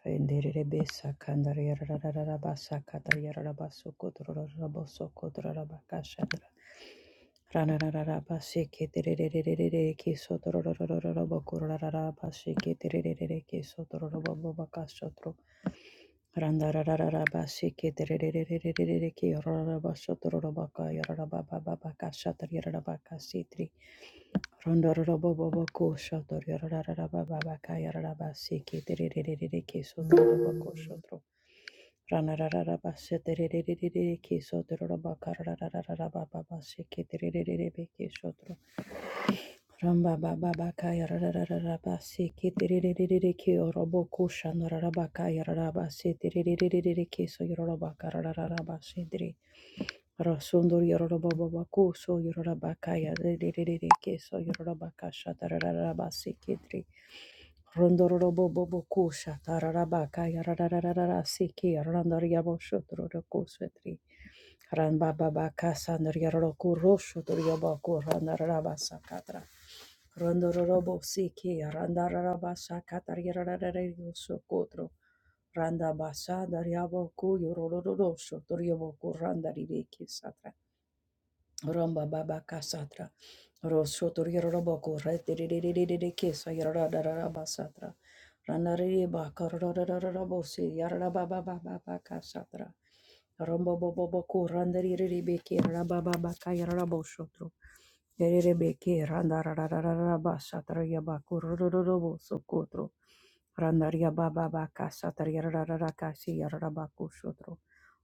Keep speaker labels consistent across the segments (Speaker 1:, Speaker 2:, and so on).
Speaker 1: Rendere Rondoroboboko shoto rorarababaka yarabasi kitererere keso doroboko shoto ranararaba setererere keso dorobaka rararabababa seketererere Ramba baba bakaya rarararaba seke terererereke orobo kosha nararabakaya raraba se terererereke so yorobaka rarararaba sedre rasundor yorobo baba koso yorobakaya rererereke so yorobaka shatarararaba seke tre rondororobo bobo kosha tararabakaya rarararara seke randar yabo shodroro koso Ran Baba baka Bakasa Yaroko Rosho Yabako Ranaraba Sakatra. Randorobo Siki Randaraba Sakata Yaradario Sokotro. Randa Basa Daryabo Kuyo Rorosho Toryaboko Randariki Ramba baba kasatra. Rosotur yoroboko retiriri kesa yarada satra. Ranari bakarabose yaraba baba baba kasatra. Rombo bobo boku randari ribeke raba baba kayarabo shotro. Rebeke randarararaba satra yabaku rororobo sokotro. Randaria baba baka satra yarararaka si yarabaku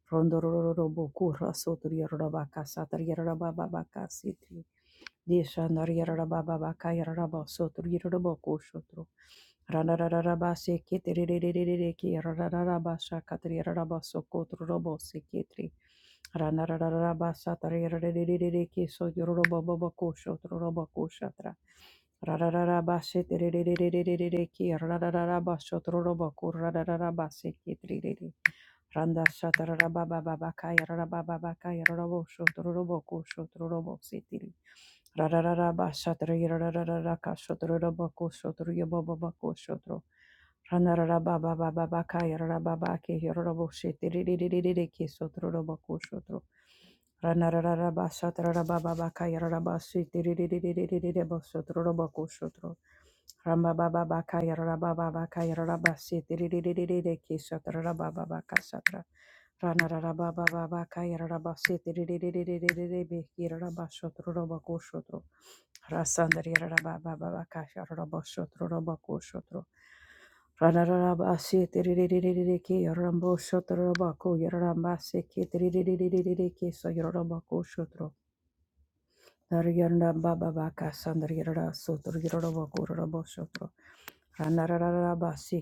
Speaker 1: Rondororo boku rasotur yarabaka satar yarababa baka sitri. Desha nar yarababa baka yarababa sotur yarabaku shotro. Ranararaba seketererererere ki yarararaba shakatar yarababa sokotur robo seketri. Ranararaba satar yararererere so yarababa baku shotro robaku shatra. Ranararaba setererererere ki yarararaba shotro robaku ranararaba seketri. Randa shatarara baba baba kaya rara baba kaya rara shotoro robo ko shotoro robo sitiri. Rara rara shatara yara rara shotoro robo ko shotoro yobo baba ko shotoro. Rana rara baba baba kaya rara ke yara sitiri riri ke shotoro robo ko shotoro. Rana rara shatara rara baba kaya rara sitiri riri riri shotoro robo ko shotoro. Ramba baba baba kaya rara baba kaya rara sitiri riri ke shotoro rara baba baba Ranarababababakayarabasitiriririririririribikirarabashotorobakoshotoro. Rasandariyarababababakasharabashotorobakoshotoro. Ranarabasitiriririririkiyaramboshotorobako yararambasikitiriririririririkisayarabakoshotororariyarabababakasandariyarasotororarabakororaboshotoro. Ranarabasi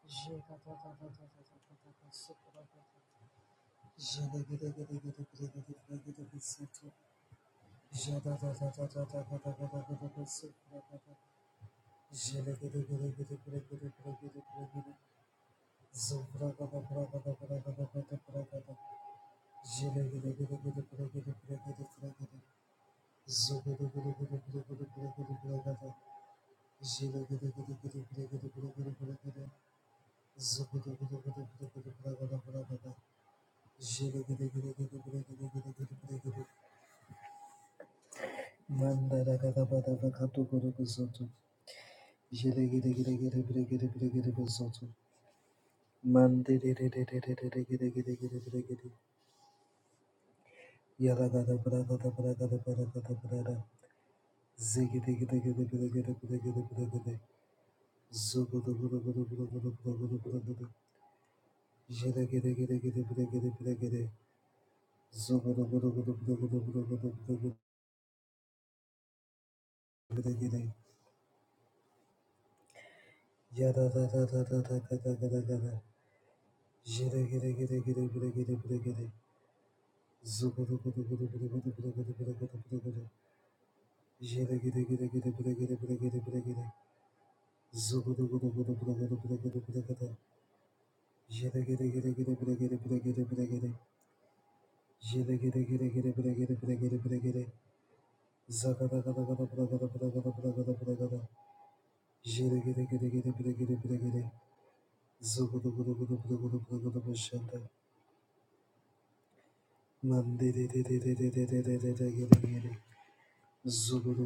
Speaker 2: Zugu Manda daga bada bakato goro gozoto. Jele gere gere gere gere gere gere gere gozoto. Mande de de de de de de de gere gere gere gere gere. Yala gada bada gada bada gada bada gada bada. Zege de gere gere gere gere gere gere gere gere. Zogo do goro goro goro goro goro goro goro goro. Jele gere gere gere gere gere gere gere. Zogo do goro goro goro goro goro goro goro goro gere gere. Yada da da da da da da da da da. Zuguru Mandiri diri diri diri diri diri diri diri. Mandele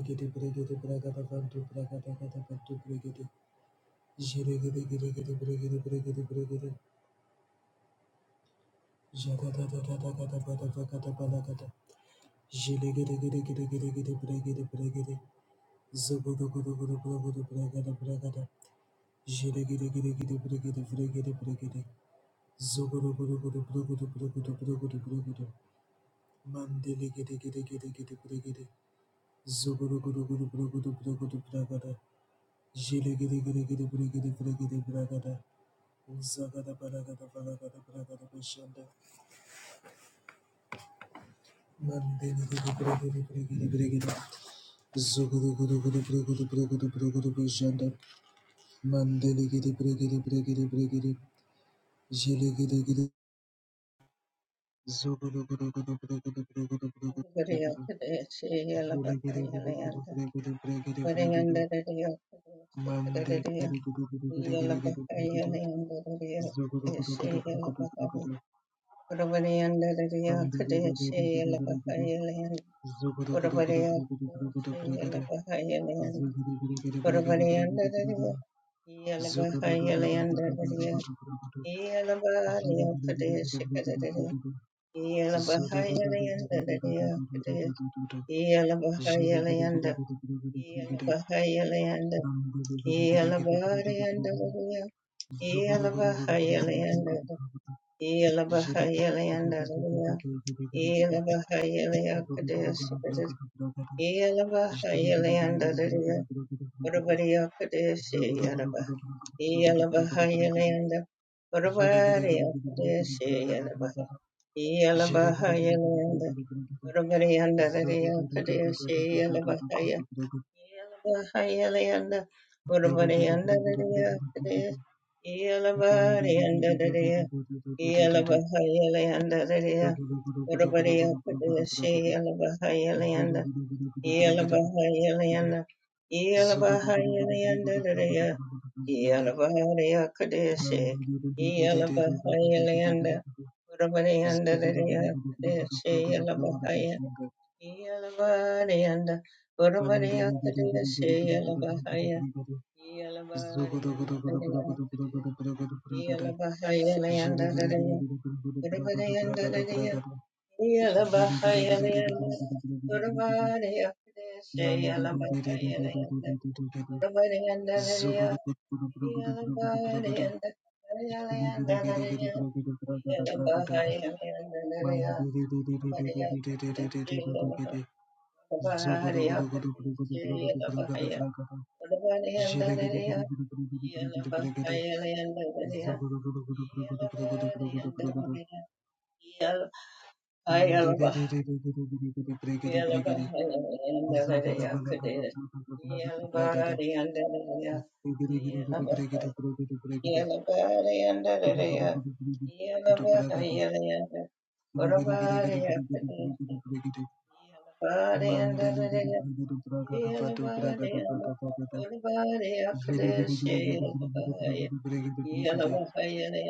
Speaker 2: gede bregede bragada bantu bragada gada bantu bregede Zagada Bragada Bragada Bragada Bashanda Zuguru
Speaker 3: Yalabahayalayandaradiya,
Speaker 2: Zugudu
Speaker 3: Yalabariyakadeshikadadiya, Yalabahayalanda, Yalabaha
Speaker 2: Zulu
Speaker 3: Yalanda, Urubariyanda Lariya Kadeshi Yalabahaya Yalabahayalayanda Urubariyanda Lariya Kadeshi Yalabariyanda Lariya Yalabahayalayanda Lariya Urubariya Kadeshi Yalabahayalayanda Yalabahayalayanda Yalabahayalayanda Lariya Yalabariya Kadeshi Yalabahayalayanda Urubariyanda Lariya Kadeshi Yalabahaya Yalabariyanda,
Speaker 2: Bandiri giri
Speaker 3: Urabariakadila
Speaker 2: giri giri giri giri giri
Speaker 3: Shayalabahaya,
Speaker 2: giri giri giri. Zugudu gudu
Speaker 3: Yalabariyanda,
Speaker 2: gudu gudu gudu gudu gudu gudu gudu gudu gudu.
Speaker 3: Yalabahaya,
Speaker 2: Jiri
Speaker 3: Layanda,
Speaker 2: giri giri giri giri giri gudu gudu
Speaker 3: Urabariyanda,
Speaker 2: gudu gudu gudu gudu. Jiri giri
Speaker 3: Yalabahaya,
Speaker 2: giri
Speaker 3: Layanda,
Speaker 2: giri giri
Speaker 3: Urabariakadila
Speaker 2: Mandiri giri giri giri
Speaker 3: Shayalabahaya,
Speaker 2: giri gudu. Mandiri
Speaker 3: Layanda,
Speaker 2: giri giri giri
Speaker 3: Urabariyanda,
Speaker 2: Zogo dogo dogo dogo dogo dogo dogo dogo dogo.
Speaker 3: Yalabariyanda, Layanda,
Speaker 2: Jiri
Speaker 3: Yalabahaya,
Speaker 2: giri giri giri giri. Zugudu gudu gudu gudu gudu gudu gudu gudu gudu. Jiri giri giri giri giri giri gudu gudu gudu gudu.
Speaker 3: Layanda,
Speaker 2: Mandiri giri giri giri giri giri giri giri
Speaker 3: Urabariyakadila
Speaker 2: giri. Zugudu gudu
Speaker 3: yeah.
Speaker 2: gudu gudu gudu gudu gudu gudu gudu gudu. Mandeli
Speaker 3: Yelabahaya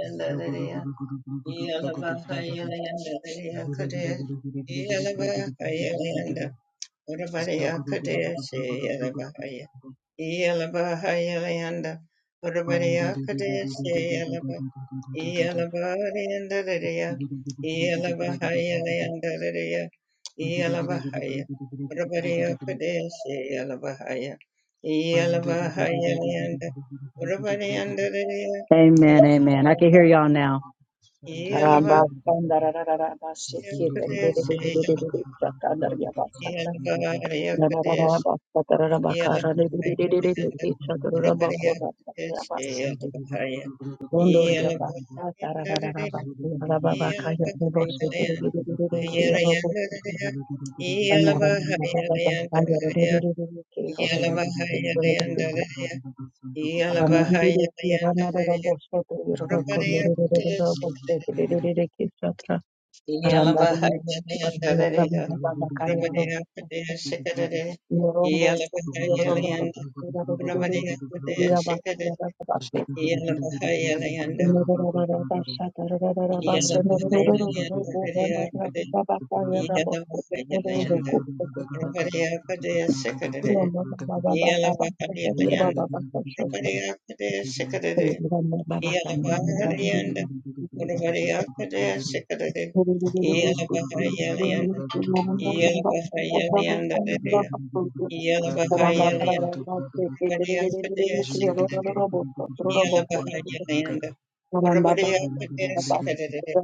Speaker 2: Zulu
Speaker 3: Yelanda, Urabadiya Kadesh, Iyalabhariyandalaya, Iyalabhayalayandalalaya, Iyalabhaya, Urabariyakudeshi, Iyalabhaya, Iyalabhayalayanda, Urabariyandalalaya,
Speaker 1: Amen, amen. I can hear y'all now. Ramba Sandara Rabashiki, and did
Speaker 3: Iyalabhariyakudeshi,
Speaker 1: it Sakandar Yabasatra,
Speaker 3: Iyalabhariyakudeshi,
Speaker 1: Narabas, Satarabakara,
Speaker 2: Thank
Speaker 1: did it
Speaker 3: Iyalabhayalayanda,
Speaker 1: each other Rabakura,
Speaker 3: Urabariyakudeshi,
Speaker 1: Yabasti,
Speaker 3: Iyalabhaya,
Speaker 1: Wonder Yabas, Satarabas,
Speaker 3: Iyalabhariyandalalaya,
Speaker 1: Rababaka,
Speaker 3: Yeah.
Speaker 1: Yaboshiki,
Speaker 3: Everybody
Speaker 1: Robo, and
Speaker 3: up
Speaker 1: Narabas, Fire, did it Rababas, Rana did it, Rana Rabos, Rocco, Robo, Randarini Randiraba Baba Kayarobus
Speaker 3: for
Speaker 1: Yorombo Yoroba Raba Baba Neraba
Speaker 2: you.
Speaker 1: Shataraba
Speaker 2: Zulu
Speaker 1: Senoroku Baba Kayarabo Oroboku
Speaker 3: this, shake it,
Speaker 1: Yoma Baba
Speaker 3: Yala
Speaker 1: Baba Viva
Speaker 3: Baharian,
Speaker 1: Baba Shota,
Speaker 3: Devariakade, Sikadade,
Speaker 1: Viva Baba
Speaker 3: Yala
Speaker 1: Shoto
Speaker 3: Baharian, Udavariakade, Sikadade, Yala Bahayalian, Yala
Speaker 1: baba
Speaker 3: Bahayalian,
Speaker 1: Baba
Speaker 3: Dadadea,
Speaker 1: baba
Speaker 3: Yala
Speaker 1: Karamba
Speaker 3: Bahayalian, Devariakade, Sikadade, Yala Bahayalian, Udavariakade, Sikadade,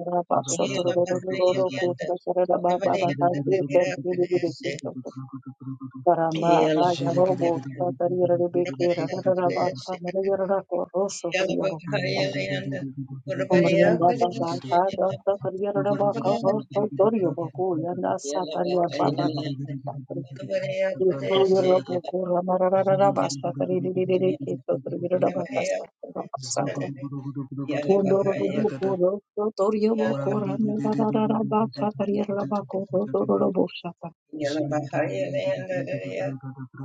Speaker 3: Yala Bahayalian, Devariakade,
Speaker 2: Mandiri
Speaker 3: Sikadade, Yala Bahayalian, Devariakade, Sikadade, Yalabahayalayanda, Urvareyakadeshe Yalaba, Urvareyakadeshe Yalabahayalayanda,
Speaker 1: Thank
Speaker 3: Urvareyakadeshe Yalaba, Urvareyakadeshe Yalabahaya, Yalabahayalayanda, Yalabahayalayanda,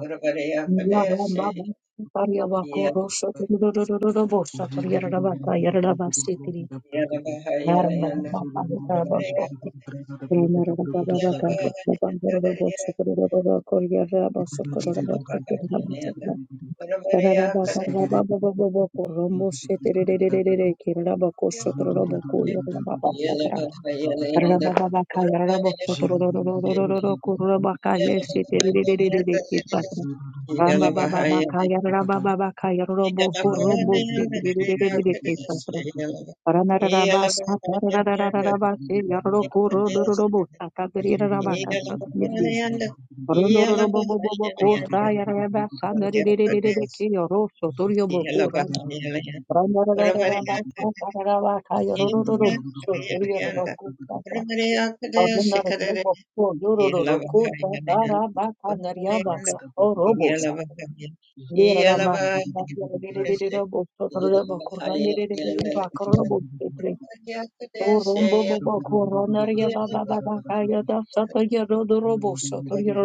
Speaker 3: Urvareyakadeshe Yalaba,
Speaker 2: Zero
Speaker 3: Yalabahayalayanda, Urvareyakadeshe Yalaba, Yeah.
Speaker 1: you. Rabba Rondoro bobo bobo kosa yarara basanda re re re re re re ke yoro so torio boku ran randara ra ra ra ba ko ra ba ka
Speaker 3: Yeah.
Speaker 1: yoro ro ro ro so torio ro ro ko sa ra randara re ro bo ko yoro ro ro ko sa ra ra ba ka naria ba sa o ro bo sa le ra ra ma ka naria re re re re ro bo so ro
Speaker 2: Zugu
Speaker 1: ran re re re da sa torio ro so torio ro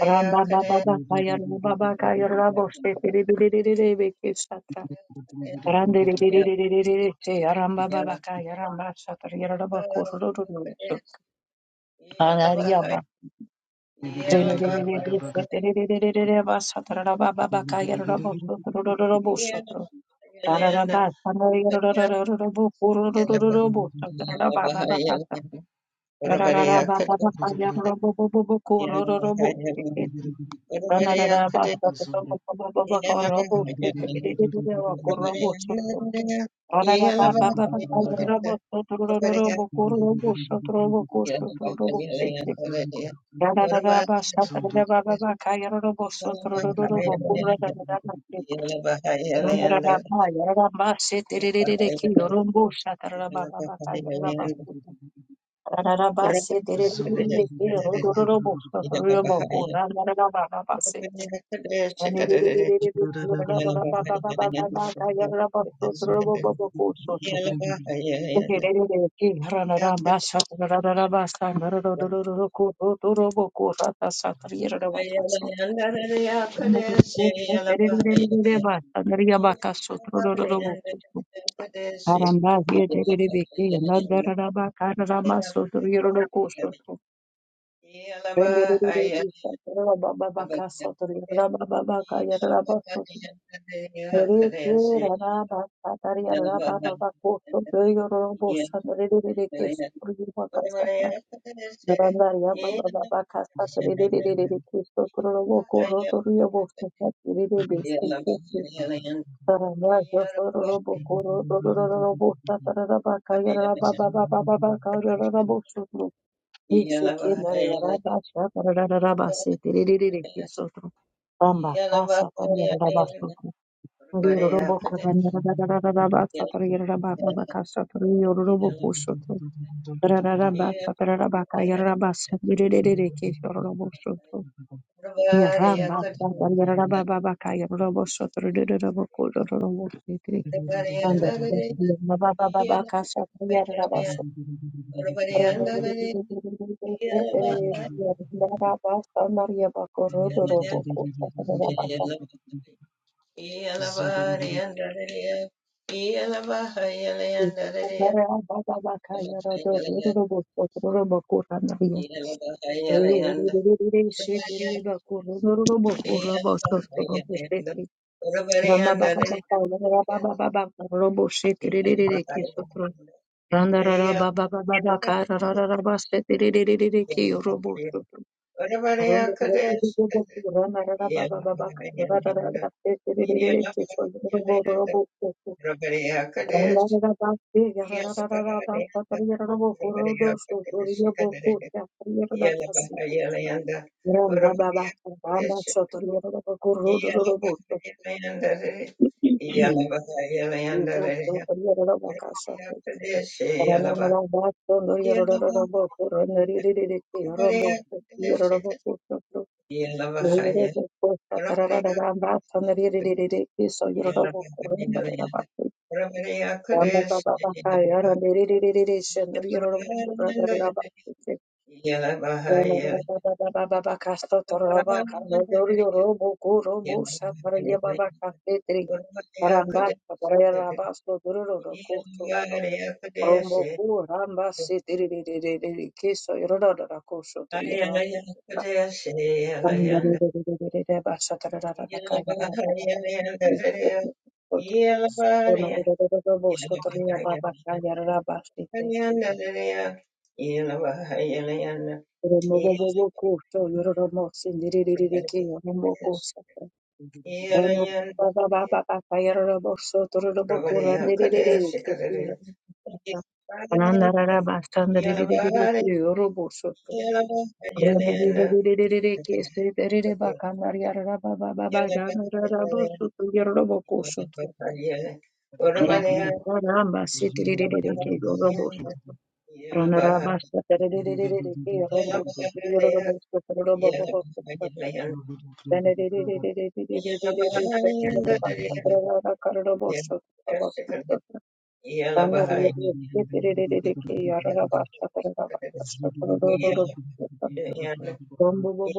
Speaker 1: Ramba baba baba ya baba kaya rabo ste tere tere tere tere satra. Rande tere tere tere tere tere aramba baba kaya ramba satra ya rabo kuru ruru ruru. Rene tere tere tere tere tere tere tere ba satra
Speaker 2: Zogo
Speaker 1: baba kaya rabo satra ruru
Speaker 3: Yeah.
Speaker 1: Rara ramba satra ya rara rara rabo kuru ruru ruru satra baba kaya. baba kaya rabo bobo bobo kuru ruru ruru. Rarabase,
Speaker 3: Yeah.
Speaker 1: Ramba Mereke rana basa taria
Speaker 3: Yeah.
Speaker 1: raba baba koso doyo robo sanrere reke sokuru baka satra rana ya baba baba kasa tere rere keso robo koro torio boso satire de beste kete rana yo soro robo
Speaker 2: Zulu
Speaker 1: koro toro robo satra raba kaya raba baba baba baba kaya raba sokuru ese ke nare raba satra raba se tere rere keso Ramba casa para raba Ndiroboko ranararararaba satararaba babaka satarorobo kushoto rararaba satararaba kayaraba satirererere keshorobo shoto yaramba satararaba babaka yarorobo shoto rororobo kurorobo shitri anda baba babaka satararaba satararaba satararaba
Speaker 3: Yeah.
Speaker 1: satararaba Rondo
Speaker 3: Yeah.
Speaker 1: Ramba
Speaker 3: Yala yala Yala Brahmaya
Speaker 1: Ramba
Speaker 3: Kudes
Speaker 1: baba baba
Speaker 3: yala
Speaker 1: yara dere dere dere shendur yoro raba
Speaker 3: Bahananda
Speaker 1: raba kete.
Speaker 3: Yala
Speaker 1: Yana
Speaker 3: Bahaya
Speaker 1: raba baba baba baba kasto toraba
Speaker 3: Brahmaya
Speaker 1: kana
Speaker 3: Kudes
Speaker 1: yoru yoro boku robu shapar ye baba
Speaker 3: yala
Speaker 1: kaste tri. Ramba
Speaker 3: Kudes
Speaker 1: kapara yara raba sto duru roro kusto yoro. Rombo ku ramba se dere dere dere dere keso yoro roro roro kusto tur yoro
Speaker 3: Ayala
Speaker 1: raba.
Speaker 3: Kudes Yala
Speaker 1: Ramba dere
Speaker 3: Yanda
Speaker 1: dere dere dere basha tara rara raka
Speaker 3: yala
Speaker 1: yara raba
Speaker 3: Bahaya
Speaker 1: baba.
Speaker 3: Yanda Yala
Speaker 1: Ona
Speaker 3: Bahaya
Speaker 1: dere dere dere bosto tur yoro baba kaya raba
Speaker 3: yala yanda. yanda. yanda. yanda.
Speaker 1: Romoboko to Yoromos in the
Speaker 3: Yeah.
Speaker 1: Ririki Romokos. Rana Baba Baba Baba Yoroboso to Roboko Randiriki. Anandarara Bastan the Ririki Yoroboso. Romiki Sri Bakandar Yarababa Baba baba Yanaraboso to Yoroboko Soto. Rama Rama City Ririki Yoroboso. Rama
Speaker 2: Thank
Speaker 3: Yeah.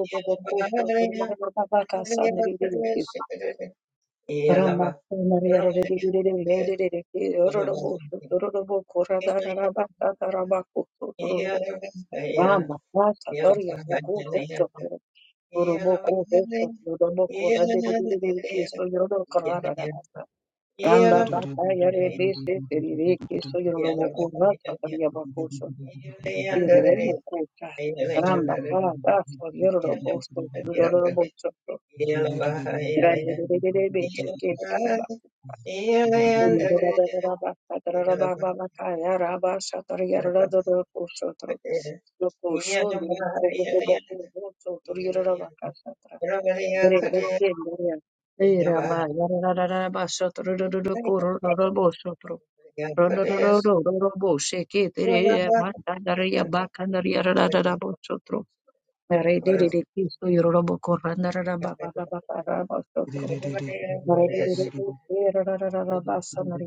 Speaker 1: Rama, Rata, Doria, Boku, Koso, Urobo, Koso, Urobo, Korade, Kiso, Yoro, Karada, Ramasa, Ramba, Bata, Yare, Bese, Terire, Kiso, Yorobo, Kurata, Doria, Bokoso, Yorobo, Kota, Ramba, Kata, Yorobo, Yorobo, Sopro, Grande, Bese, Kedra, Raba, Raba, Raba, Raba, Raba, Raba, Raba, Raba, Raba,
Speaker 3: Yeah.
Speaker 1: Raba, Raba, Raba, Raba, Loco shondo
Speaker 2: you. Zulu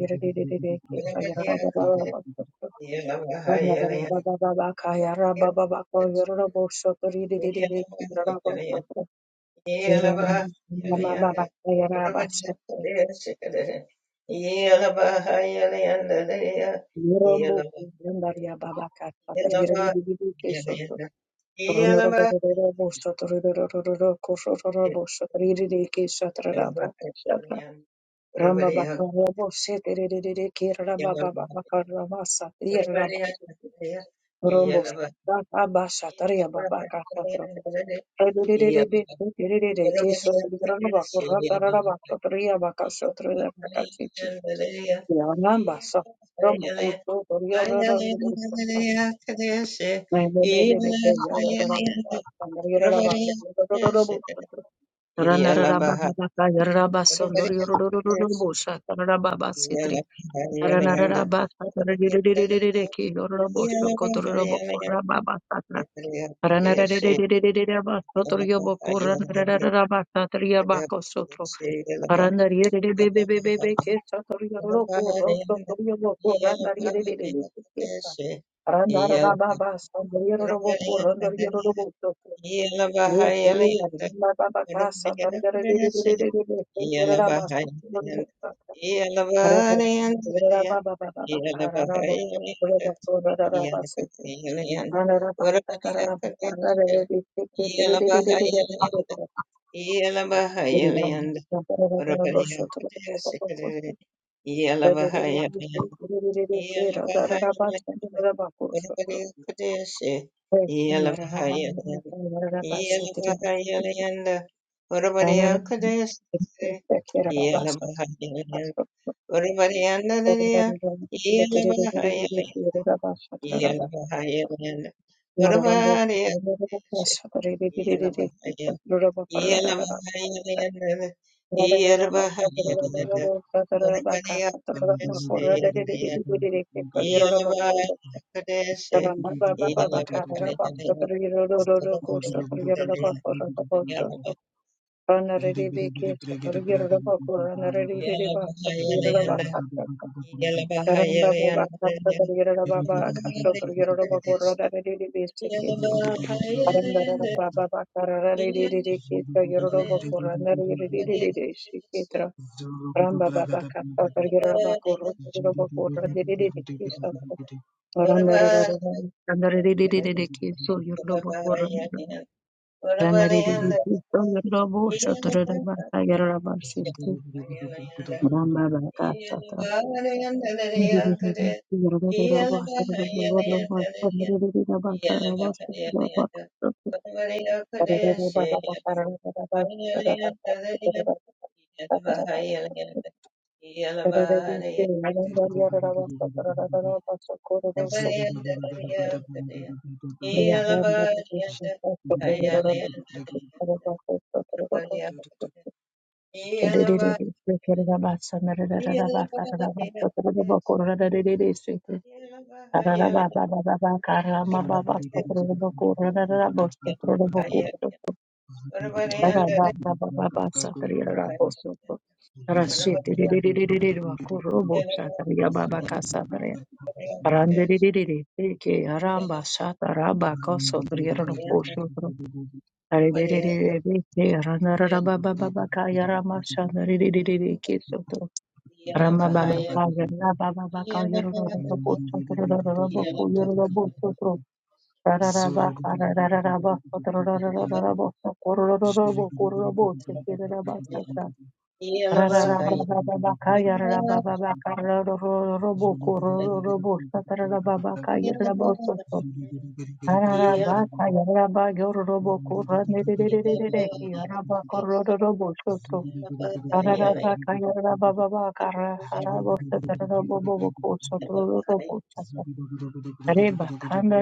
Speaker 1: Thank you. Ramba bakarabo setererere kirara
Speaker 3: Yeah.
Speaker 1: baba baba karama satir raba Rombo Shatra Abba Shatariya Baba Ranarabasa,
Speaker 3: Yeah.
Speaker 1: Randa
Speaker 3: Yeah.
Speaker 1: Roramba,
Speaker 3: Yelabahayalayanda Urvariyakadesate Yelabahayalayanda Urvariyandaraya Yelabahayalayanda Yelabahayalayanda Urvariyakadesate Yelabahayalayanda
Speaker 1: Baba
Speaker 3: Yelabahayalayanda Yelabahayalayanda Urvariyakadesate Yelabahayalayanda Yelabahayalayanda
Speaker 1: Baba
Speaker 3: Urvariyakadesate Yeah.
Speaker 1: Baba Ramba baba kapa pargira bako
Speaker 2: Thank
Speaker 1: rotoro bako
Speaker 2: you.
Speaker 1: radere de kisa randara randara de de de de kiso yoro bako randara de de kiso yoro bo shatara ramba kagara ramba shitri ramba baka satra de de de de yoro bo ramba shatara ramba ramba ramba de de de ramba
Speaker 3: Yeah.
Speaker 1: kara ramba shitri ramba ramba baba Rashid, Aranderererere, teke, aramba, shata, raba, koso,
Speaker 2: Zulu
Speaker 1: triarano, kosho, tro. Arerererere, teke, aranararabababa, kaya, rama, shana, rerererere, keso, tro. Rama, baba, kaya, raba, baba, kaya, rorororo, bosho, trorororo, koyororo, bosho, tro. Rararaba, kararararaba, kotorororororo, bosho, kororororo, kororo, bosho, kereraba,
Speaker 2: Zulu
Speaker 1: Reba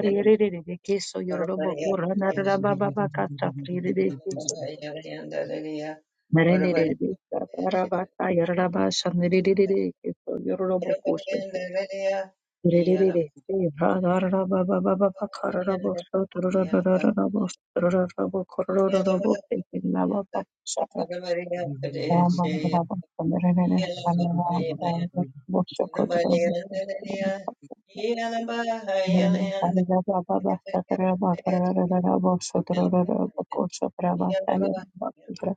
Speaker 3: Yeah.
Speaker 1: riri riri keso yororobo
Speaker 3: Orabariya
Speaker 1: kurana raba
Speaker 3: Padeshika
Speaker 1: baba katatri riri keso
Speaker 3: Yanadahayarayandadariya Orabariya
Speaker 1: Marerebe
Speaker 3: Padeshika
Speaker 1: Rabaka Yaraba Sandere Yorobokosha
Speaker 3: Orabariyandarariya
Speaker 1: Rere
Speaker 3: Iyalabhayandadariya
Speaker 1: Rababa Karabo Sotorabo Rabo Kororabo Nava
Speaker 3: Iyalabhayandadariya
Speaker 1: Shatra
Speaker 3: Orabariya
Speaker 1: Rama
Speaker 3: Padeshaya
Speaker 1: Rabba Sandere
Speaker 3: Iyalabhayandadariya
Speaker 1: Boshokotra
Speaker 3: Orabariyandarariya Iyalabhayandadariya Orabariya Padeshaya
Speaker 1: Baba Satra Bakarabo Sotorabo Kosha Rabba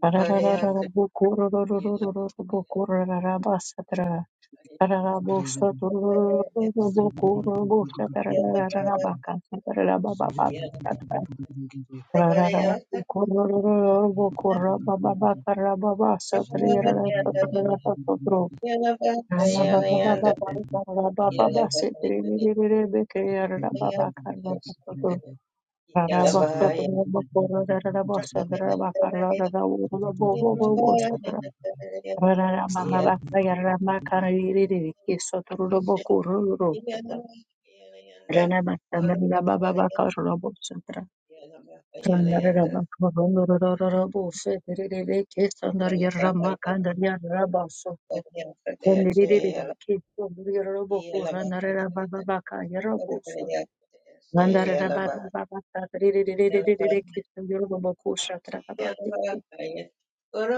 Speaker 1: Baba Rara basto
Speaker 3: Iyalabhayandadariya
Speaker 1: rara bakor rara
Speaker 3: Yeah.
Speaker 1: rara basto rara bakar
Speaker 2: Zugu
Speaker 1: rara rara ura bobo bobo bosto Randa
Speaker 3: Yeah.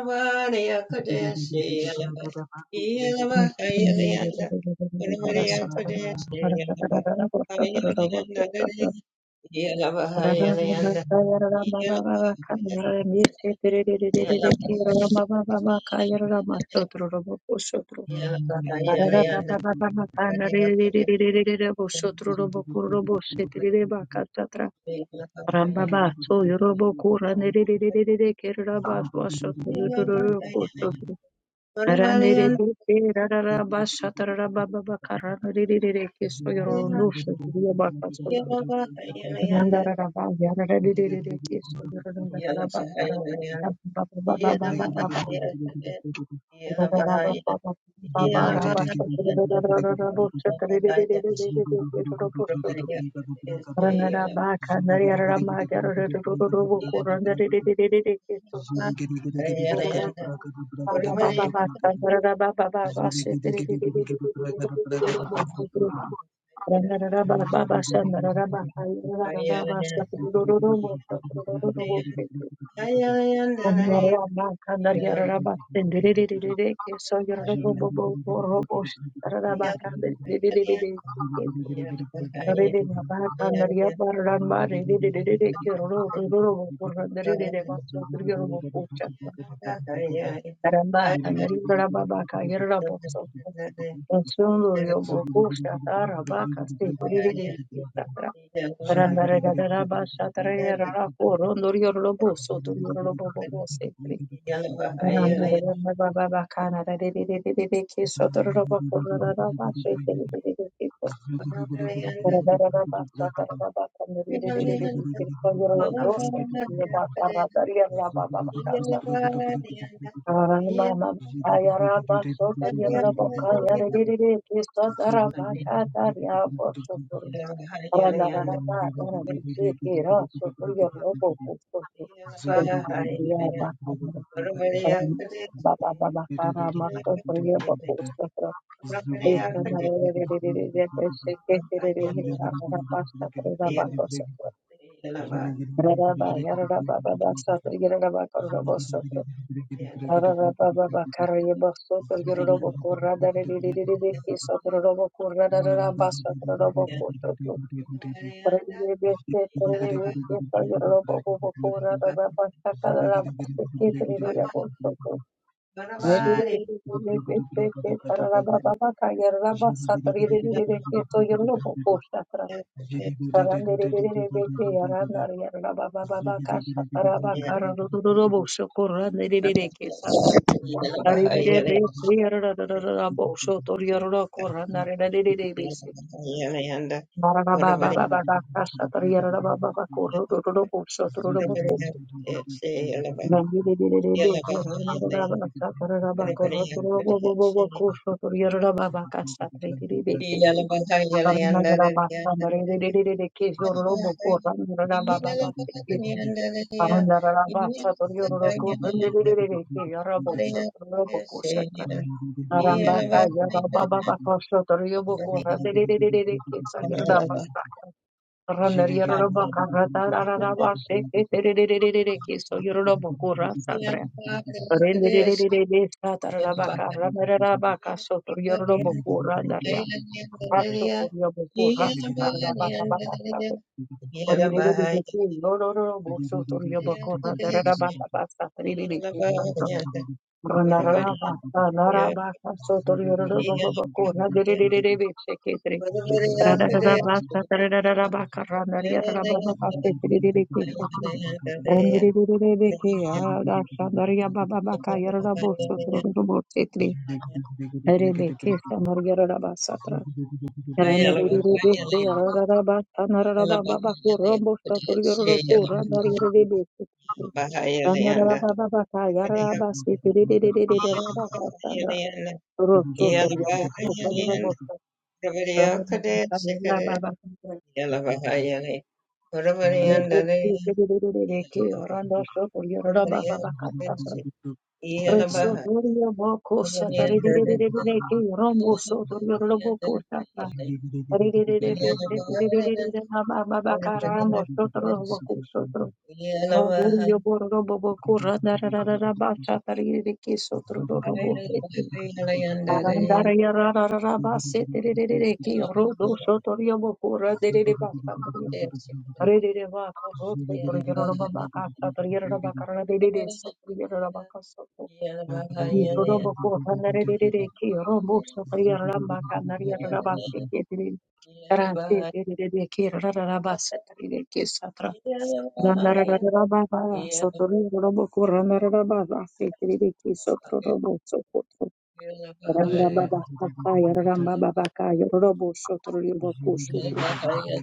Speaker 1: Rambaba so yorobo kura nererererere kerera baswa shoto
Speaker 3: Yeah.
Speaker 1: Randere bete rarara bashatarara baba bakara rerere
Speaker 2: Zulu
Speaker 1: keso yororondo shiriya bakaso randarara ba yarara rerere keso yororondara bakara baba baba baba baba rarara baba baba raba rarara boshata rerere keso robosto ranara ba kanari yarara ma yarara rororo bokora rerere keso Rebe
Speaker 2: Thank
Speaker 3: Yeah.
Speaker 1: Karambaka narindarababaka yararaboso rasundurio bokusha tarabaka sekuririririsi tatra karandaragaraba shatarayararako
Speaker 2: you.
Speaker 1: rondorio roboso
Speaker 2: Ziggy,
Speaker 1: turiorobobobose setri karandarabababakana raririririki sotororobakorararaba shetiririririki karadarababa shatarababaka niririririririki koyororoboso turiobaka radariarabababaka Mama, Ayaraba Soto Yeroboka Yarede, Kisotaraba Kataria Bosokur, Ranaraba, Yaradi, Kira, Soto
Speaker 3: Bye.
Speaker 1: Yerobo Kusoto, El Pandia Bakana, Baba Baba Karama Soto Yerobokusoto,
Speaker 2: Zulu
Speaker 1: Ekanare, Besekere, Pasta, Rabakosotro, Rabba, Yaraba Baba Soto Yerobokosoto, Rabba
Speaker 2: Thank you.
Speaker 3: Yeah.
Speaker 1: Narendra Bhakti Yarada Dada Bosho Tori Yarada Kora Narendra Bhakti Narada baba baba baba Satari Yarada Baba Baba koro, Aranda raba satori yororo ko hende de de de de ke yarabo satori yororo ko Arambaka yarababa koshotor yoboko raterererere kesa yarababa ranar
Speaker 2: Thank
Speaker 3: Yeah.
Speaker 1: yarabaka ratarararaba sheke terererere keso de de de de de sotor yaraboko randaria rasotor yoboko rasatarabaka bakasa orererere ke yororo bosotor de de basa Rana raba baba baka
Speaker 2: you. Thank
Speaker 3: Yellow,
Speaker 1: yara basi tiri tiri tiri tiri raba baka Rosoto Yoboku Robota Tayana Baba Rebuke Orlando Soto Yoraba Baba Casatra Resotorio Boko Satari Rombo Soto Yoroboko Satra Baba Carambo Soto Roboku Soto Rondurio Boroboku Radarabasatari Sotro Robo Arandara Rara basse tererere ki
Speaker 3: Hello,
Speaker 1: rodo sotorio bokura derere bakandri.
Speaker 2: you.
Speaker 1: Rerere va koro
Speaker 2: Thank
Speaker 1: sotorio rara baka sotorio rara baka rara derere sotorio rara baka soto. Rodo bokura nererere ki robo sotorio rara baka nari rara basse ki derere. Rante tererere ki rara rara basse tererere ki satra. Arandara rara baba sotorio rara bokura rara ki ki ki ki ki satra Sotra Ramba baba kakaya ramba baba kaya robo sotro libo kusutro.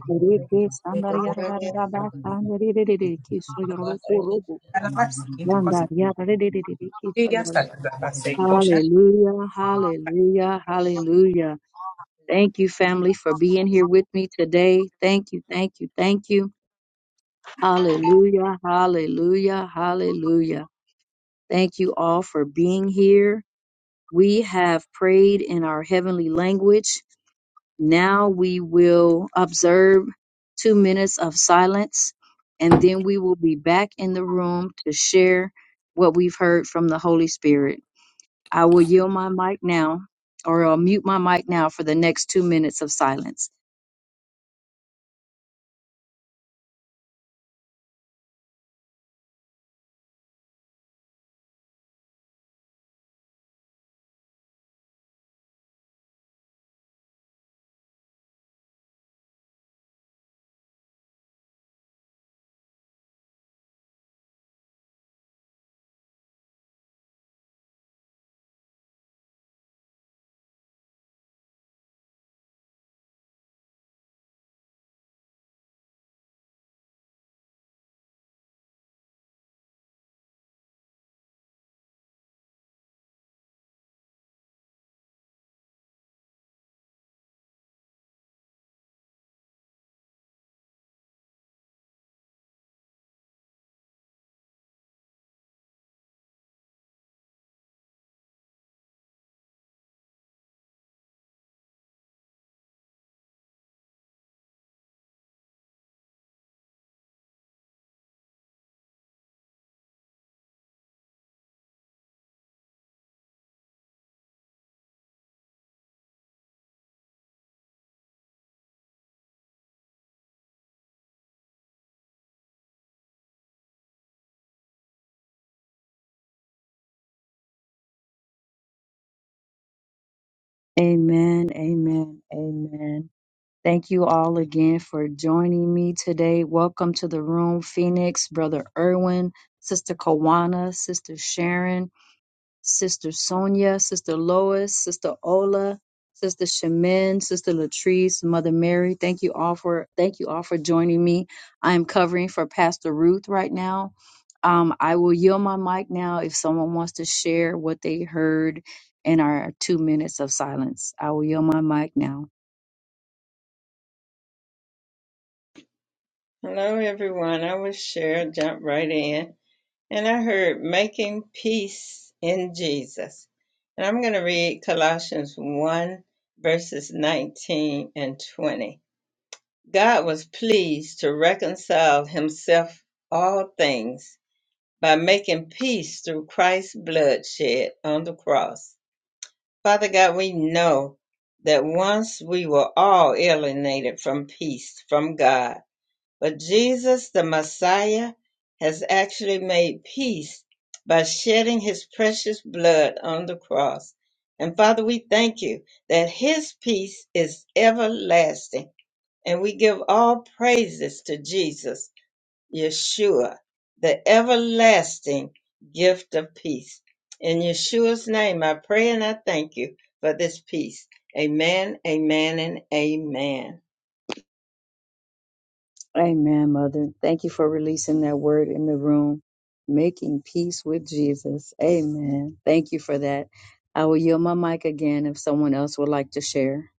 Speaker 1: Reke sandar yara
Speaker 4: portion.
Speaker 1: rara raba sandar yedede kiso yoro ku robo.
Speaker 4: Koshanda la basinde,
Speaker 1: Landar
Speaker 4: koshanda
Speaker 1: yara yedede kiso
Speaker 4: ya
Speaker 1: yoro.
Speaker 4: sata la
Speaker 2: you.
Speaker 4: portion.
Speaker 1: Hallelujah, hallelujah, hallelujah. Thank you, family, for being here with me today. Thank you, thank you, thank you. Hallelujah, hallelujah, hallelujah. Thank you all for being here. We have prayed in our heavenly language. Now we will observe two minutes of silence and then we will be back in the room to share what we've heard from the Holy Spirit. I will yield my mic now or I'll mute my mic now for the next two minutes of silence. Amen, amen, amen. Thank you all again for joining me today. Welcome to the room, Phoenix, Brother Irwin, Sister Kawana, Sister Sharon. Sister Sonia, Sister Lois, Sister Ola, Sister Shemin, Sister Latrice, Mother Mary. Thank you all for thank you all for joining me. I am covering for Pastor Ruth right now. Um, I will yield my mic now if someone wants to share what they heard in our two minutes of silence. I will yield my mic now.
Speaker 3: everyone. I will share, jump right in. And I heard making peace in Jesus. And I'm going to read Colossians 1, verses 19 and 20. God was pleased to reconcile himself all things by making peace through Christ's blood shed on the cross. Father God, we know that once we were all alienated from peace from God but Jesus, the Messiah, has actually made peace by shedding his precious blood on the cross. And Father, we thank you that his peace is everlasting. And we give all praises to Jesus, Yeshua, the everlasting gift of peace. In Yeshua's name, I pray and I thank you for this peace. Amen, amen, and amen.
Speaker 1: Amen, Mother. Thank you for releasing that word in the room, making peace with Jesus. Amen. Thank you for that. I will yield my mic again if someone else would like to share.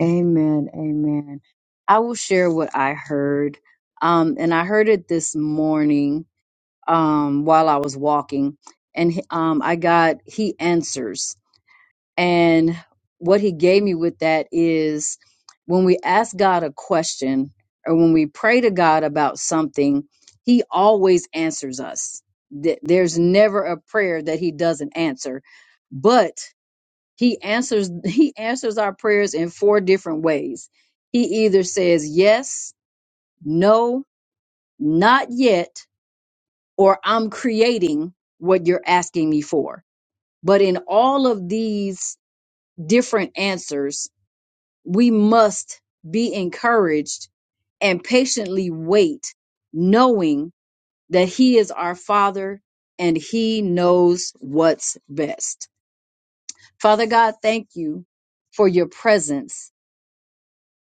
Speaker 1: Amen. Amen. I will share what I heard. Um, and I heard it this morning um, while I was walking. And um, I got, He answers. And what he gave me with that is when we ask God a question or when we pray to God about something, he always answers us. Th- There's never a prayer that he doesn't answer, but he answers he answers our prayers in four different ways. He either says yes, no, not yet, or I'm creating what you're asking me for. But in all of these different answers, we must be encouraged and patiently wait, knowing that He is our Father and He knows what's best. Father God, thank you for your presence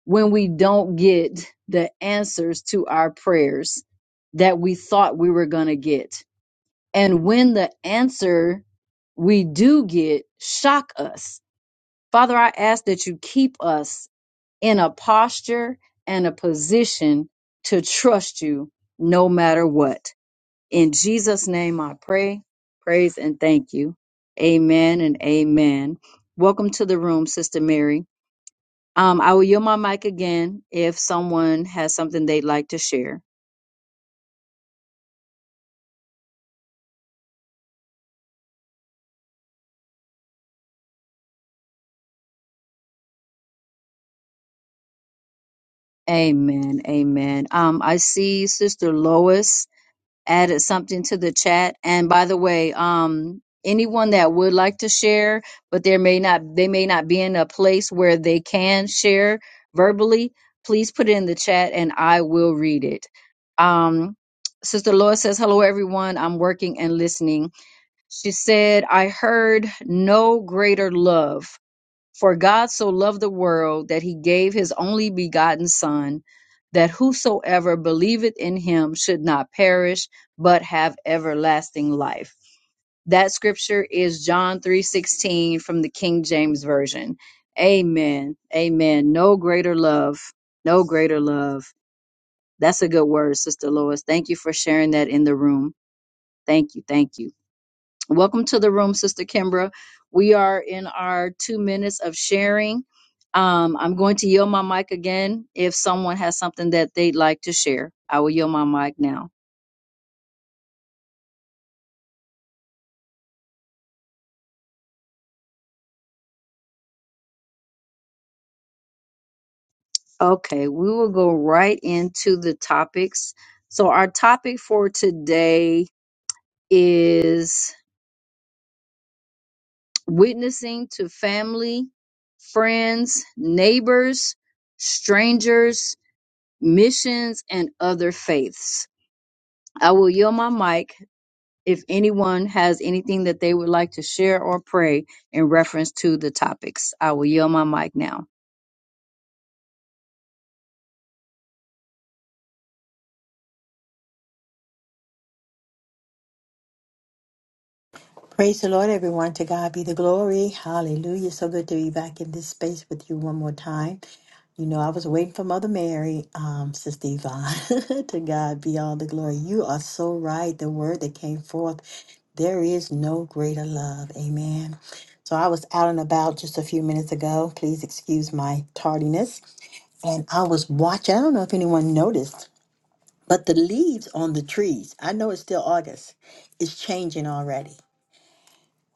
Speaker 1: when we don't get the answers to our prayers that we thought we were going to get. And when the answer we do get shock us. Father, I ask that you keep us in a posture and a position to trust you no matter what. In Jesus' name I pray, praise, and thank you. Amen and amen. Welcome to the room, Sister Mary. Um, I will yield my mic again if someone has something they'd like to share. Amen. Amen. Um, I see Sister Lois added something to the chat. And by the way, um, anyone that would like to share, but there may not, they may not be in a place where they can share verbally, please put it in the chat and I will read it. Um, Sister Laura says, Hello, everyone. I'm working and listening. She said, I heard no greater love. For God so loved the world that he gave his only begotten Son, that whosoever believeth in him should not perish, but have everlasting life. That scripture is John 3:16 from the King James Version. Amen. Amen. No greater love. No greater love. That's a good word, Sister Lois. Thank you for sharing that in the room. Thank you. Thank you. Welcome to the room, Sister Kimbra. We are in our two minutes of sharing. Um, I'm going to yield my mic again if someone has something that they'd like to share. I will yield my mic now. Okay, we will go right into the topics. So, our topic for today is witnessing to family, friends, neighbors, strangers, missions, and other faiths. I will yield my mic if anyone has anything that they would like to share or pray in reference to the topics. I will yield my mic now.
Speaker 5: Praise the Lord, everyone. To God be the glory. Hallelujah. So good to be back in this space with you one more time. You know, I was waiting for Mother Mary, um, Sister Yvonne. to God be all the glory. You are so right. The word that came forth, there is no greater love. Amen. So I was out and about just a few minutes ago. Please excuse my tardiness. And I was watching. I don't know if anyone noticed, but the leaves on the trees, I know it's still August, is changing already.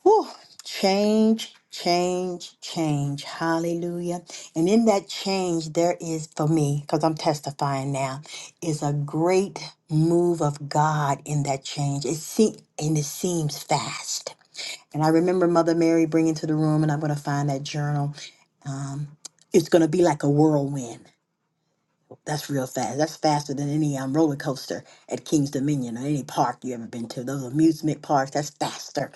Speaker 5: Whew. Change, change, change. Hallelujah. And in that change, there is for me, because I'm testifying now, is a great move of God in that change. It se- and it seems fast. And I remember Mother Mary bringing to the room, and I'm going to find that journal. Um, it's going to be like a whirlwind. That's real fast. That's faster than any um, roller coaster at King's Dominion or any park you ever been to. Those amusement parks, that's faster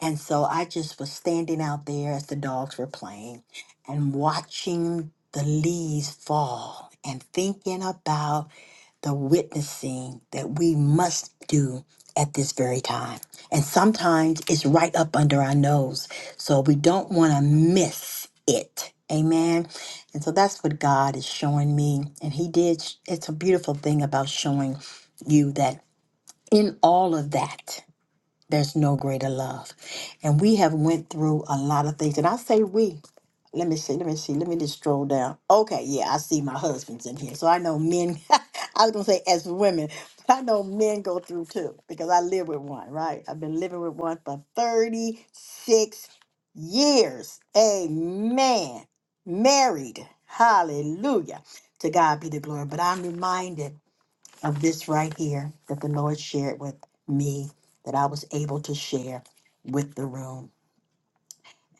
Speaker 5: and so I just was standing out there as the dogs were playing and watching the leaves fall and thinking about the witnessing that we must do at this very time. And sometimes it's right up under our nose. So we don't want to miss it. Amen. And so that's what God is showing me. And He did, it's a beautiful thing about showing you that in all of that. There's no greater love. And we have went through a lot of things. And I say we. Let me see, let me see, let me just stroll down. Okay, yeah, I see my husband's in here. So I know men, I was gonna say as women, but I know men go through too, because I live with one, right? I've been living with one for 36 years. Amen. Married. Hallelujah. To God be the glory. But I'm reminded of this right here that the Lord shared with me that I was able to share with the room.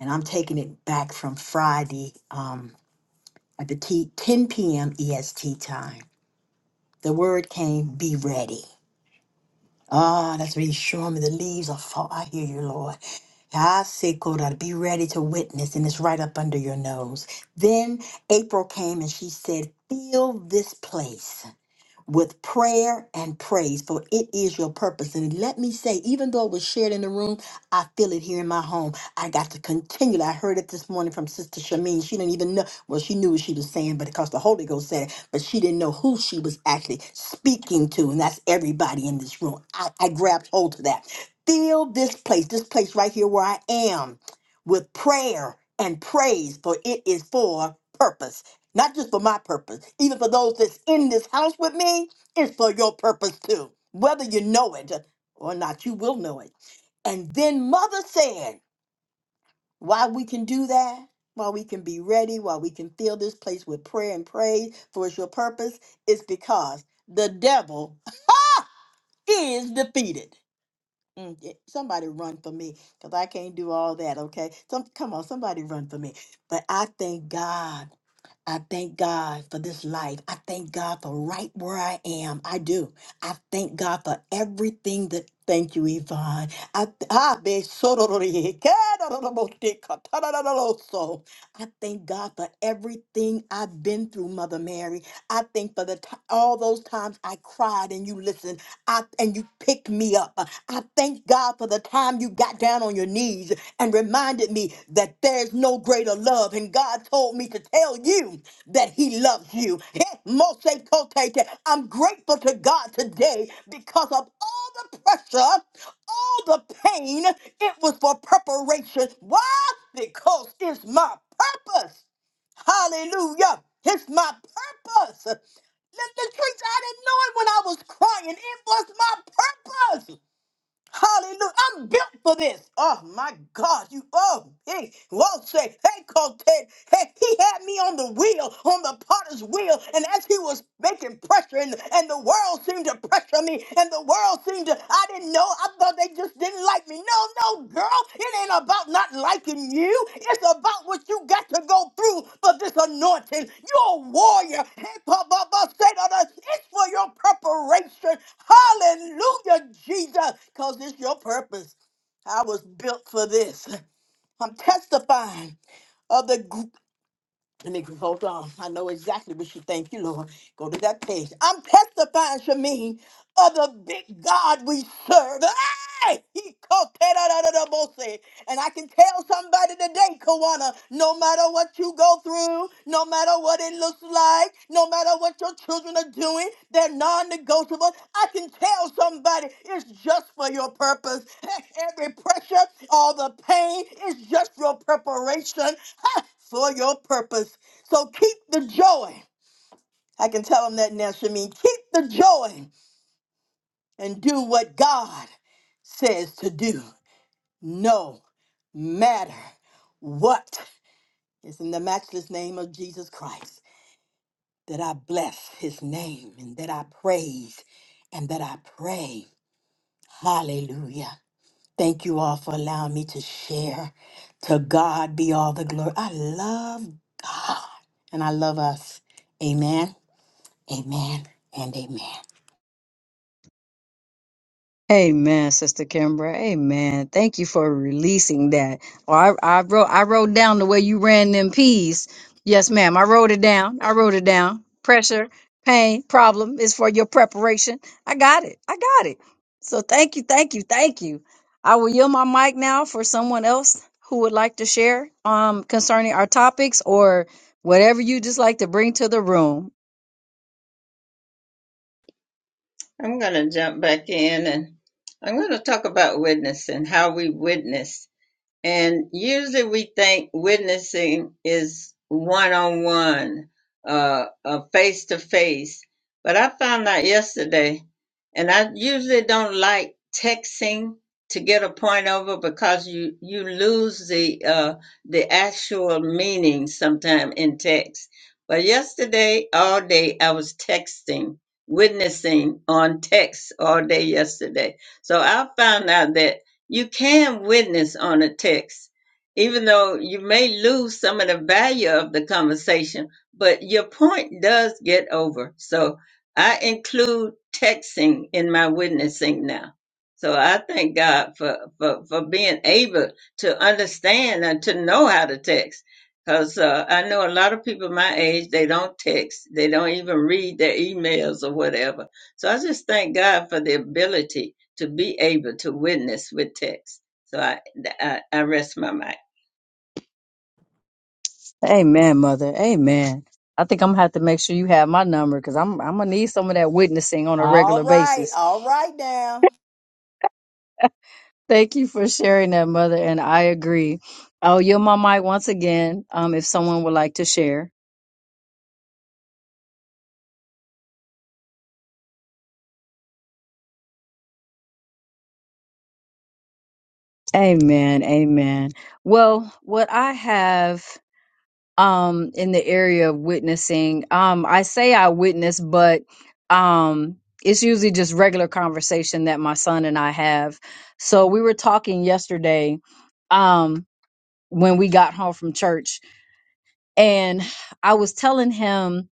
Speaker 5: And I'm taking it back from Friday um, at the t- 10 p.m. EST time. The word came, be ready. Ah, that's what he's showing me. The leaves are fall. I hear you, Lord. I say, Koda, be ready to witness, and it's right up under your nose. Then April came and she said, Feel this place. with prayer and praise, for it is your purpose. And let me say, even though it was shared in the room, I feel it here in my home. I got to continue. I heard it this morning from Sister Shamin. She didn't even know, well, she knew what she was saying, but because the Holy Ghost said it, but she didn't know who she was actually speaking to. And that's everybody in this room. I, I grabbed hold to that. Fill this place, this place right here where I am, with prayer and praise, for it is for purpose. Not just for my purpose, even for those that's in this house with me, it's for your purpose too. Whether you know it or not, you will know it. And then Mother said, why we can do that, why we can be ready, why we can fill this place with prayer and praise for it's your purpose, is because the devil is defeated. Mm, yeah, Somebody run for me because I can't do all that, okay? Some, come on, somebody run for me. But I thank God. I thank God for this life. I thank God for right where I am. I do. I thank God for everything that. Thank you, Yvonne. I, th- ah, be sororori, kadoroboti, katararoroso. I thank God for everything I've been through, Mother Mary. I think for the ti- all those times I cried and you listened I, and you picked me up. I thank God for the time you got down on your knees and reminded me that there's no greater love. And God told me to tell you that He loves you. Heh, Mose Kotete. I'm grateful to God today because of all the pressure, all the pain, it was for preparation. Why? Because it's my purpose. Hallelujah. It's my purpose. Let the trees, I didn't know it when I was crying. It was my purpose. Hallelujah. I'm built for this. Oh my God. You oh hey won't say, hey Colt Ted, hey, he had me on the wheel, on the potter's wheel, and as he was making pressure and, and the world seemed to pressure me, and the world seemed to I didn't know. I thought they just didn't like me. No, no, girl, it ain't about not liking you. It's about what you got to go through for this anointing. You're a warrior. Hey, Papa, say to us, it's for your preparation. Hallelujah, Jesus, because it's your purpose. I was built for this. I'm testifying of the let me hold on. I know exactly what you think. You, Lord. Go to that page. I'm testifying, Shamin, of the big God we serve. Hey! He called Tedadadadabose. And I can tell somebody today, Kawana, no matter what you go through, no matter what it looks like, no matter what your children are doing, they're non negotiable. I can tell somebody it's just for your purpose. Heck, Every pressure, all the pain is just your preparation. for your purpose. So keep the joy. I can tell them that now, Shamin. Keep the joy and do what God says to do, no matter what. It's in the matchless name of Jesus Christ that I bless his name and that I praise and that I pray. Hallelujah. Thank you all for allowing me to share. To God be all the glory. I love God and I love us. Amen. Amen and amen.
Speaker 1: Amen, Sister Kimbra. Amen. Thank you for releasing that. Well, I, I wrote I wrote down the way you ran them peas. Yes, ma'am. I wrote it down. I wrote it down. Pressure, pain, problem is for your preparation. I got it. I got it. So thank you, thank you, thank you. I will yield my mic now for someone else who would like to share um concerning our topics or whatever you just like to bring to the room.
Speaker 3: I'm going to jump back in and I'm going to talk about witnessing, how we witness and usually we think witnessing is one on one, uh, face to face. But I found out yesterday, and I usually don't like texting to get a point over because you, you lose the, uh, the actual meaning sometime in text. But yesterday, all day, I was texting, witnessing on text all day yesterday. So I found out that you can witness on a text, even though you may lose some of the value of the conversation, but your point does get over. So I include texting in my witnessing now. So I thank God for, for, for being able to understand and to know how to text. Cause uh, I know a lot of people my age, they don't text. They don't even read their emails or whatever. So I just thank God for the ability to be able to witness with text. So I, I, I rest my mind.
Speaker 1: Amen, mother. Amen. I think I'm gonna have to make sure you have my number because I'm I'm gonna need some of that witnessing on a regular
Speaker 5: All right,
Speaker 1: basis.
Speaker 5: all right now.
Speaker 1: Thank you for sharing that, mother. And I agree. Oh, you're my mic once again. Um, if someone would like to share. Amen. Amen. Well, what I have um in the area of witnessing, um, I say I witness, but um it's usually just regular conversation that my son and I have. So we were talking yesterday. Um, when we got home from church and i was telling him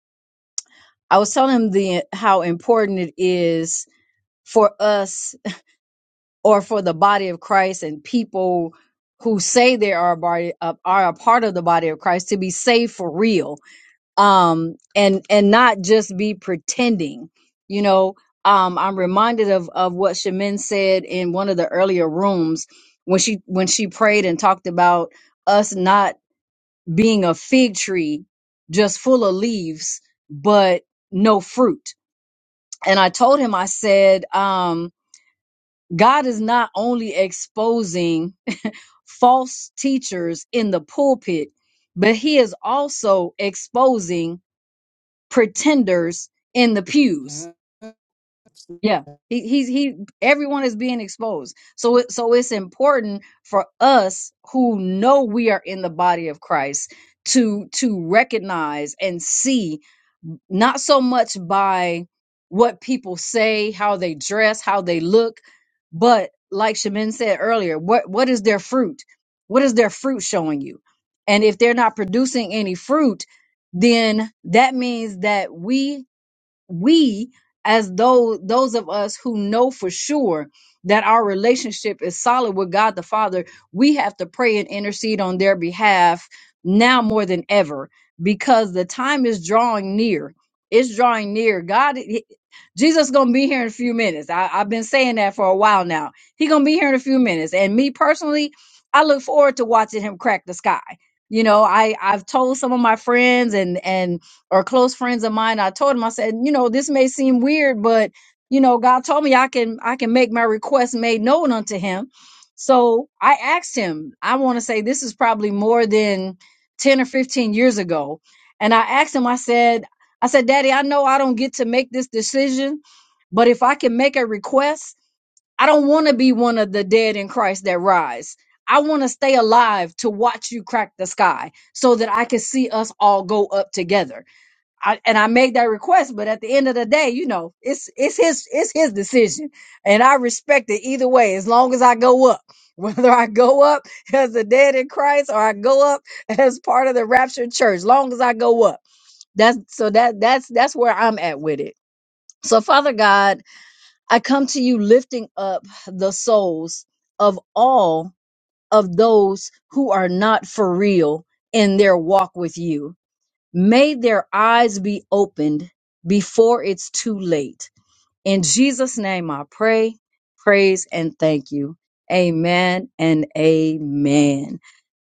Speaker 1: i was telling him the how important it is for us or for the body of christ and people who say they are a body uh, are a part of the body of christ to be saved for real um and and not just be pretending you know um i'm reminded of of what shemin said in one of the earlier rooms when she when she prayed and talked about us not being a fig tree just full of leaves but no fruit and i told him i said um god is not only exposing false teachers in the pulpit but he is also exposing pretenders in the pews
Speaker 5: Mhm.
Speaker 1: yeah he he he everyone is being exposed so it, so it's important for us who know we are in the body of christ to to recognize and see not so much by what people say, how they dress, how they look, but like Shamin said earlier, what what is their fruit? What is their fruit showing you? And if they're not producing any fruit, then that means that we we as though those of us who know for sure that our relationship is solid with God the Father, we have to pray and intercede on their behalf now more than ever because the time is drawing near. It's drawing near. God, he- Jesus, gonna be here in a few minutes. I, I've been saying that for a while now. He gonna be here in a few minutes, and me personally, I look forward to watching him crack the sky. You know, I I've told some of my friends and and or close friends of mine. I told him, I said, you know, this may seem weird, but you know, God told me I can I can make my request made known unto him. So I asked him, I want to say this is probably more than 10 or 15 years ago. And I asked him, I said, I said, Daddy, I know I don't get to make this decision, but if I can make a request, I don't want to be one of the dead in Christ that rise. I want to stay alive to watch you crack the sky so that I can see us all go up together. I, and I made that request, but at the end of the day, you know, it's it's his it's his decision, and I respect it either way. As long as I go up, whether I go up as the dead in Christ or I go up as part of the raptured church, long as I go up, that's so that that's that's where I'm at with it. So, Father God, I come to you lifting up the souls of all of those who are not for real in their walk with you May their eyes be opened before it's too late. In Jesus' name I pray, praise, and thank you. Amen and amen.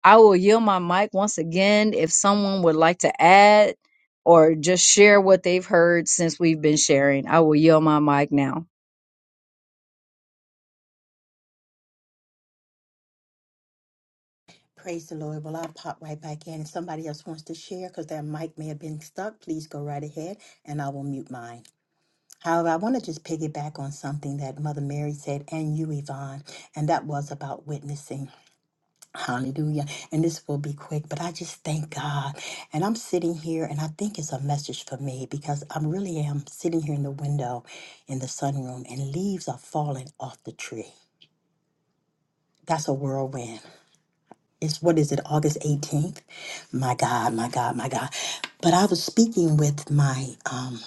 Speaker 1: I will yield my mic once again if someone would like to add or just share what they've heard since we've been sharing. I will yield my mic now.
Speaker 5: Praise the Lord. Well, I'll pop right back in. If somebody else wants to share because their mic may have been stuck, please go right ahead and I will mute mine. However, I want to just piggyback on something that Mother Mary said and you, Yvonne, and that was about witnessing. Hallelujah. And this will be quick, but I just thank God. And I'm sitting here and I think it's a message for me because I really am sitting here in the window in the sunroom and leaves are falling off the tree. That's a whirlwind. It's what is it, August 18th? My God, my God, my God. But I was speaking with my um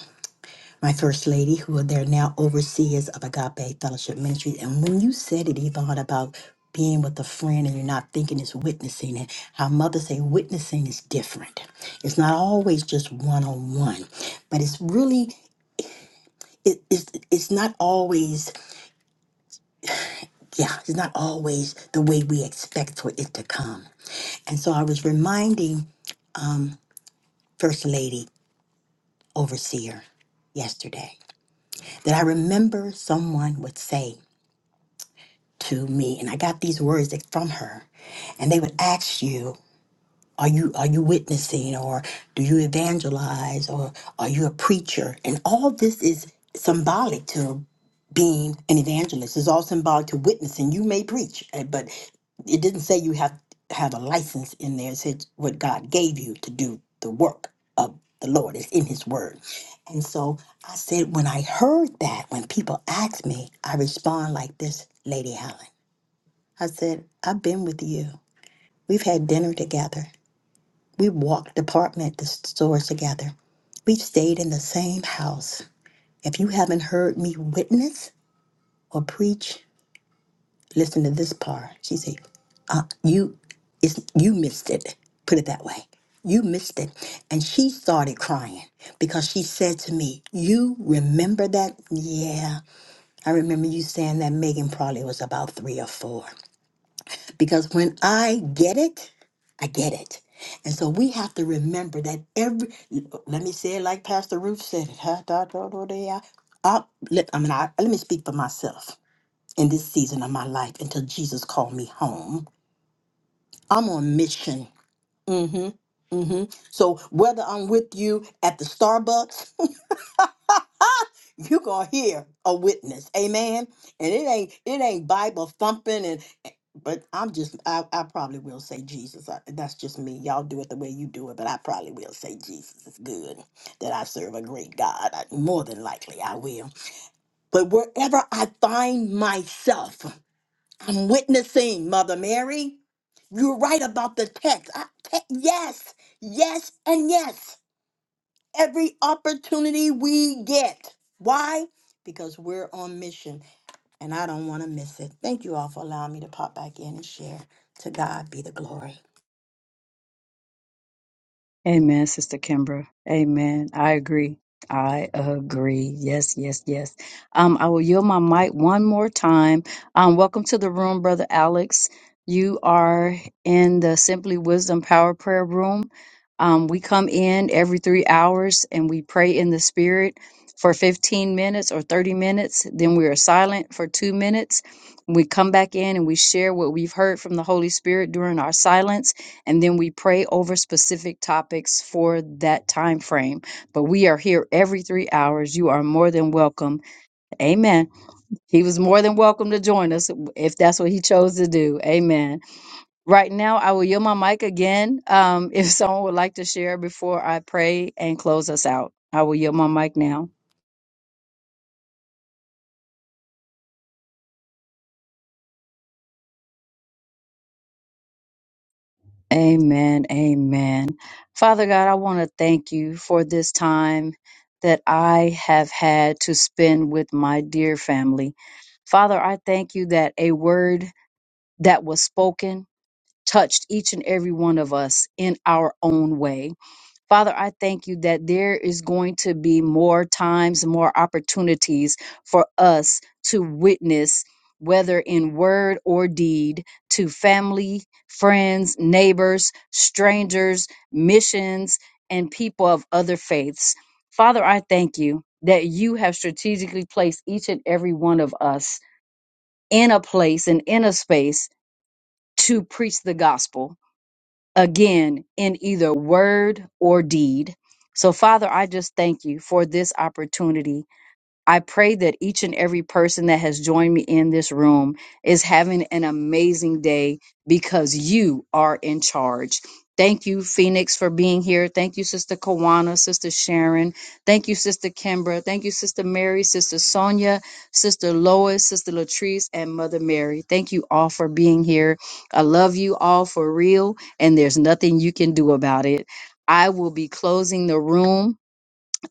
Speaker 5: my first lady, who are there now overseers of Agape Fellowship Ministries. And when you said it, Yvonne, about being with a friend and you're not thinking it's witnessing and how mothers say witnessing is different. It's not always just one on one, but it's really it, it's, it's not always yeah it's not always the way we expect for it to come and so i was reminding um, first lady overseer yesterday that i remember someone would say to me and i got these words that- from her and they would ask you are you are you witnessing or do you evangelize or are you a preacher and all this is symbolic to being an evangelist it's all symbolic to witnessing you may preach eh, but it didn't say you have have a license in there it said what god gave you to do the work of the lord it's in his word and so i said when i heard that when people asked me i respond like this lady helen I said, I've been with you. We've had dinner together. We walked the apartment to stores together. We've stayed in the same house. If you haven't heard me witness or preach, listen to this part. She said, uh, you, it's, you missed it. Put it that way. You missed it. And she started crying because she said to me, You remember that? Yeah, I remember you saying that Megan probably was about three or four. because when I get it, I get it. And so we have to remember that every, let me say it like Pastor Ruth said it. huh, da, da, da, da, yeah. I, let, I mean, I, let me speak for myself in this season of my life until Jesus called me home. I'm on mission. hmm hmm So whether I'm with you at the Starbucks, you're gonna hear a witness. Amen. And it ain't it ain't Bible thumping But I'm just, I, I probably will say Jesus. I, that's just me. Y'all do it the way you do it, but I probably will say Jesus is good, that I serve a great God. I, more than likely, I will. But wherever I find myself, I'm witnessing, Mother Mary. You're right about the text. I, te- yes, yes, and yes. Every opportunity we get. Why? Because we're on mission and I don't want to miss it. Thank you all for allowing me to pop back in and share. To God be the glory.
Speaker 1: Amen, Sister Kimbra. Amen. I agree. I agree. Yes, yes, yes. Um, I will yield my mic one more time. Um, welcome to the room, Brother Alex. You are in the Simply Wisdom Power Prayer Room. Um, we come in every three hours and we pray in the Spirit for 15 minutes or 30 minutes. Then we are silent for two minutes. We come back in and we share what we've heard from the Holy Spirit during our silence and then we pray over specific topics for that time frame. But we are here every three hours. You are more than welcome. Amen. He was more than welcome to join us if that's what he chose to do. Amen. Right now, I will yield my mic again. Um, if someone would like to share before I pray and close us out, I will yield my mic now. Amen. Amen. Father God, I want to thank you for this time that I have had to spend with my dear family. Father, I thank you that a word that was spoken touched each and every one of us in our own way. Father, I thank you that there is going to be more times, more opportunities for us to witness, whether in word or deed, to family, friends, neighbors, strangers, missions, and people of other faiths. Father, I thank you that you have strategically placed each and every one of us in a place and in a space to preach the gospel again in either word or deed. So, Father, I just thank you for this opportunity I pray that each and every person that has joined me in this room is having an amazing day because you are in charge. Thank you, Phoenix, for being here. Thank you, Sister Kawana, Sister Sharon. Thank you, Sister Kimbra. Thank you, Sister Mary, Sister Sonia, Sister Lois, Sister Latrice, and Mother Mary. Thank you all for being here. I love you all for real, and there's nothing you can do about it. I will be closing the room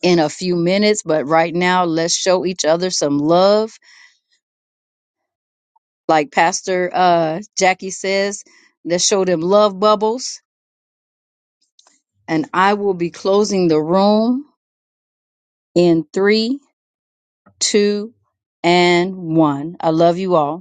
Speaker 1: in a few minutes, but right now let's show each other some love. Like Pastor uh, Jackie says, let's show them love bubbles. And I will be closing the room in three, two, and one. I love you all.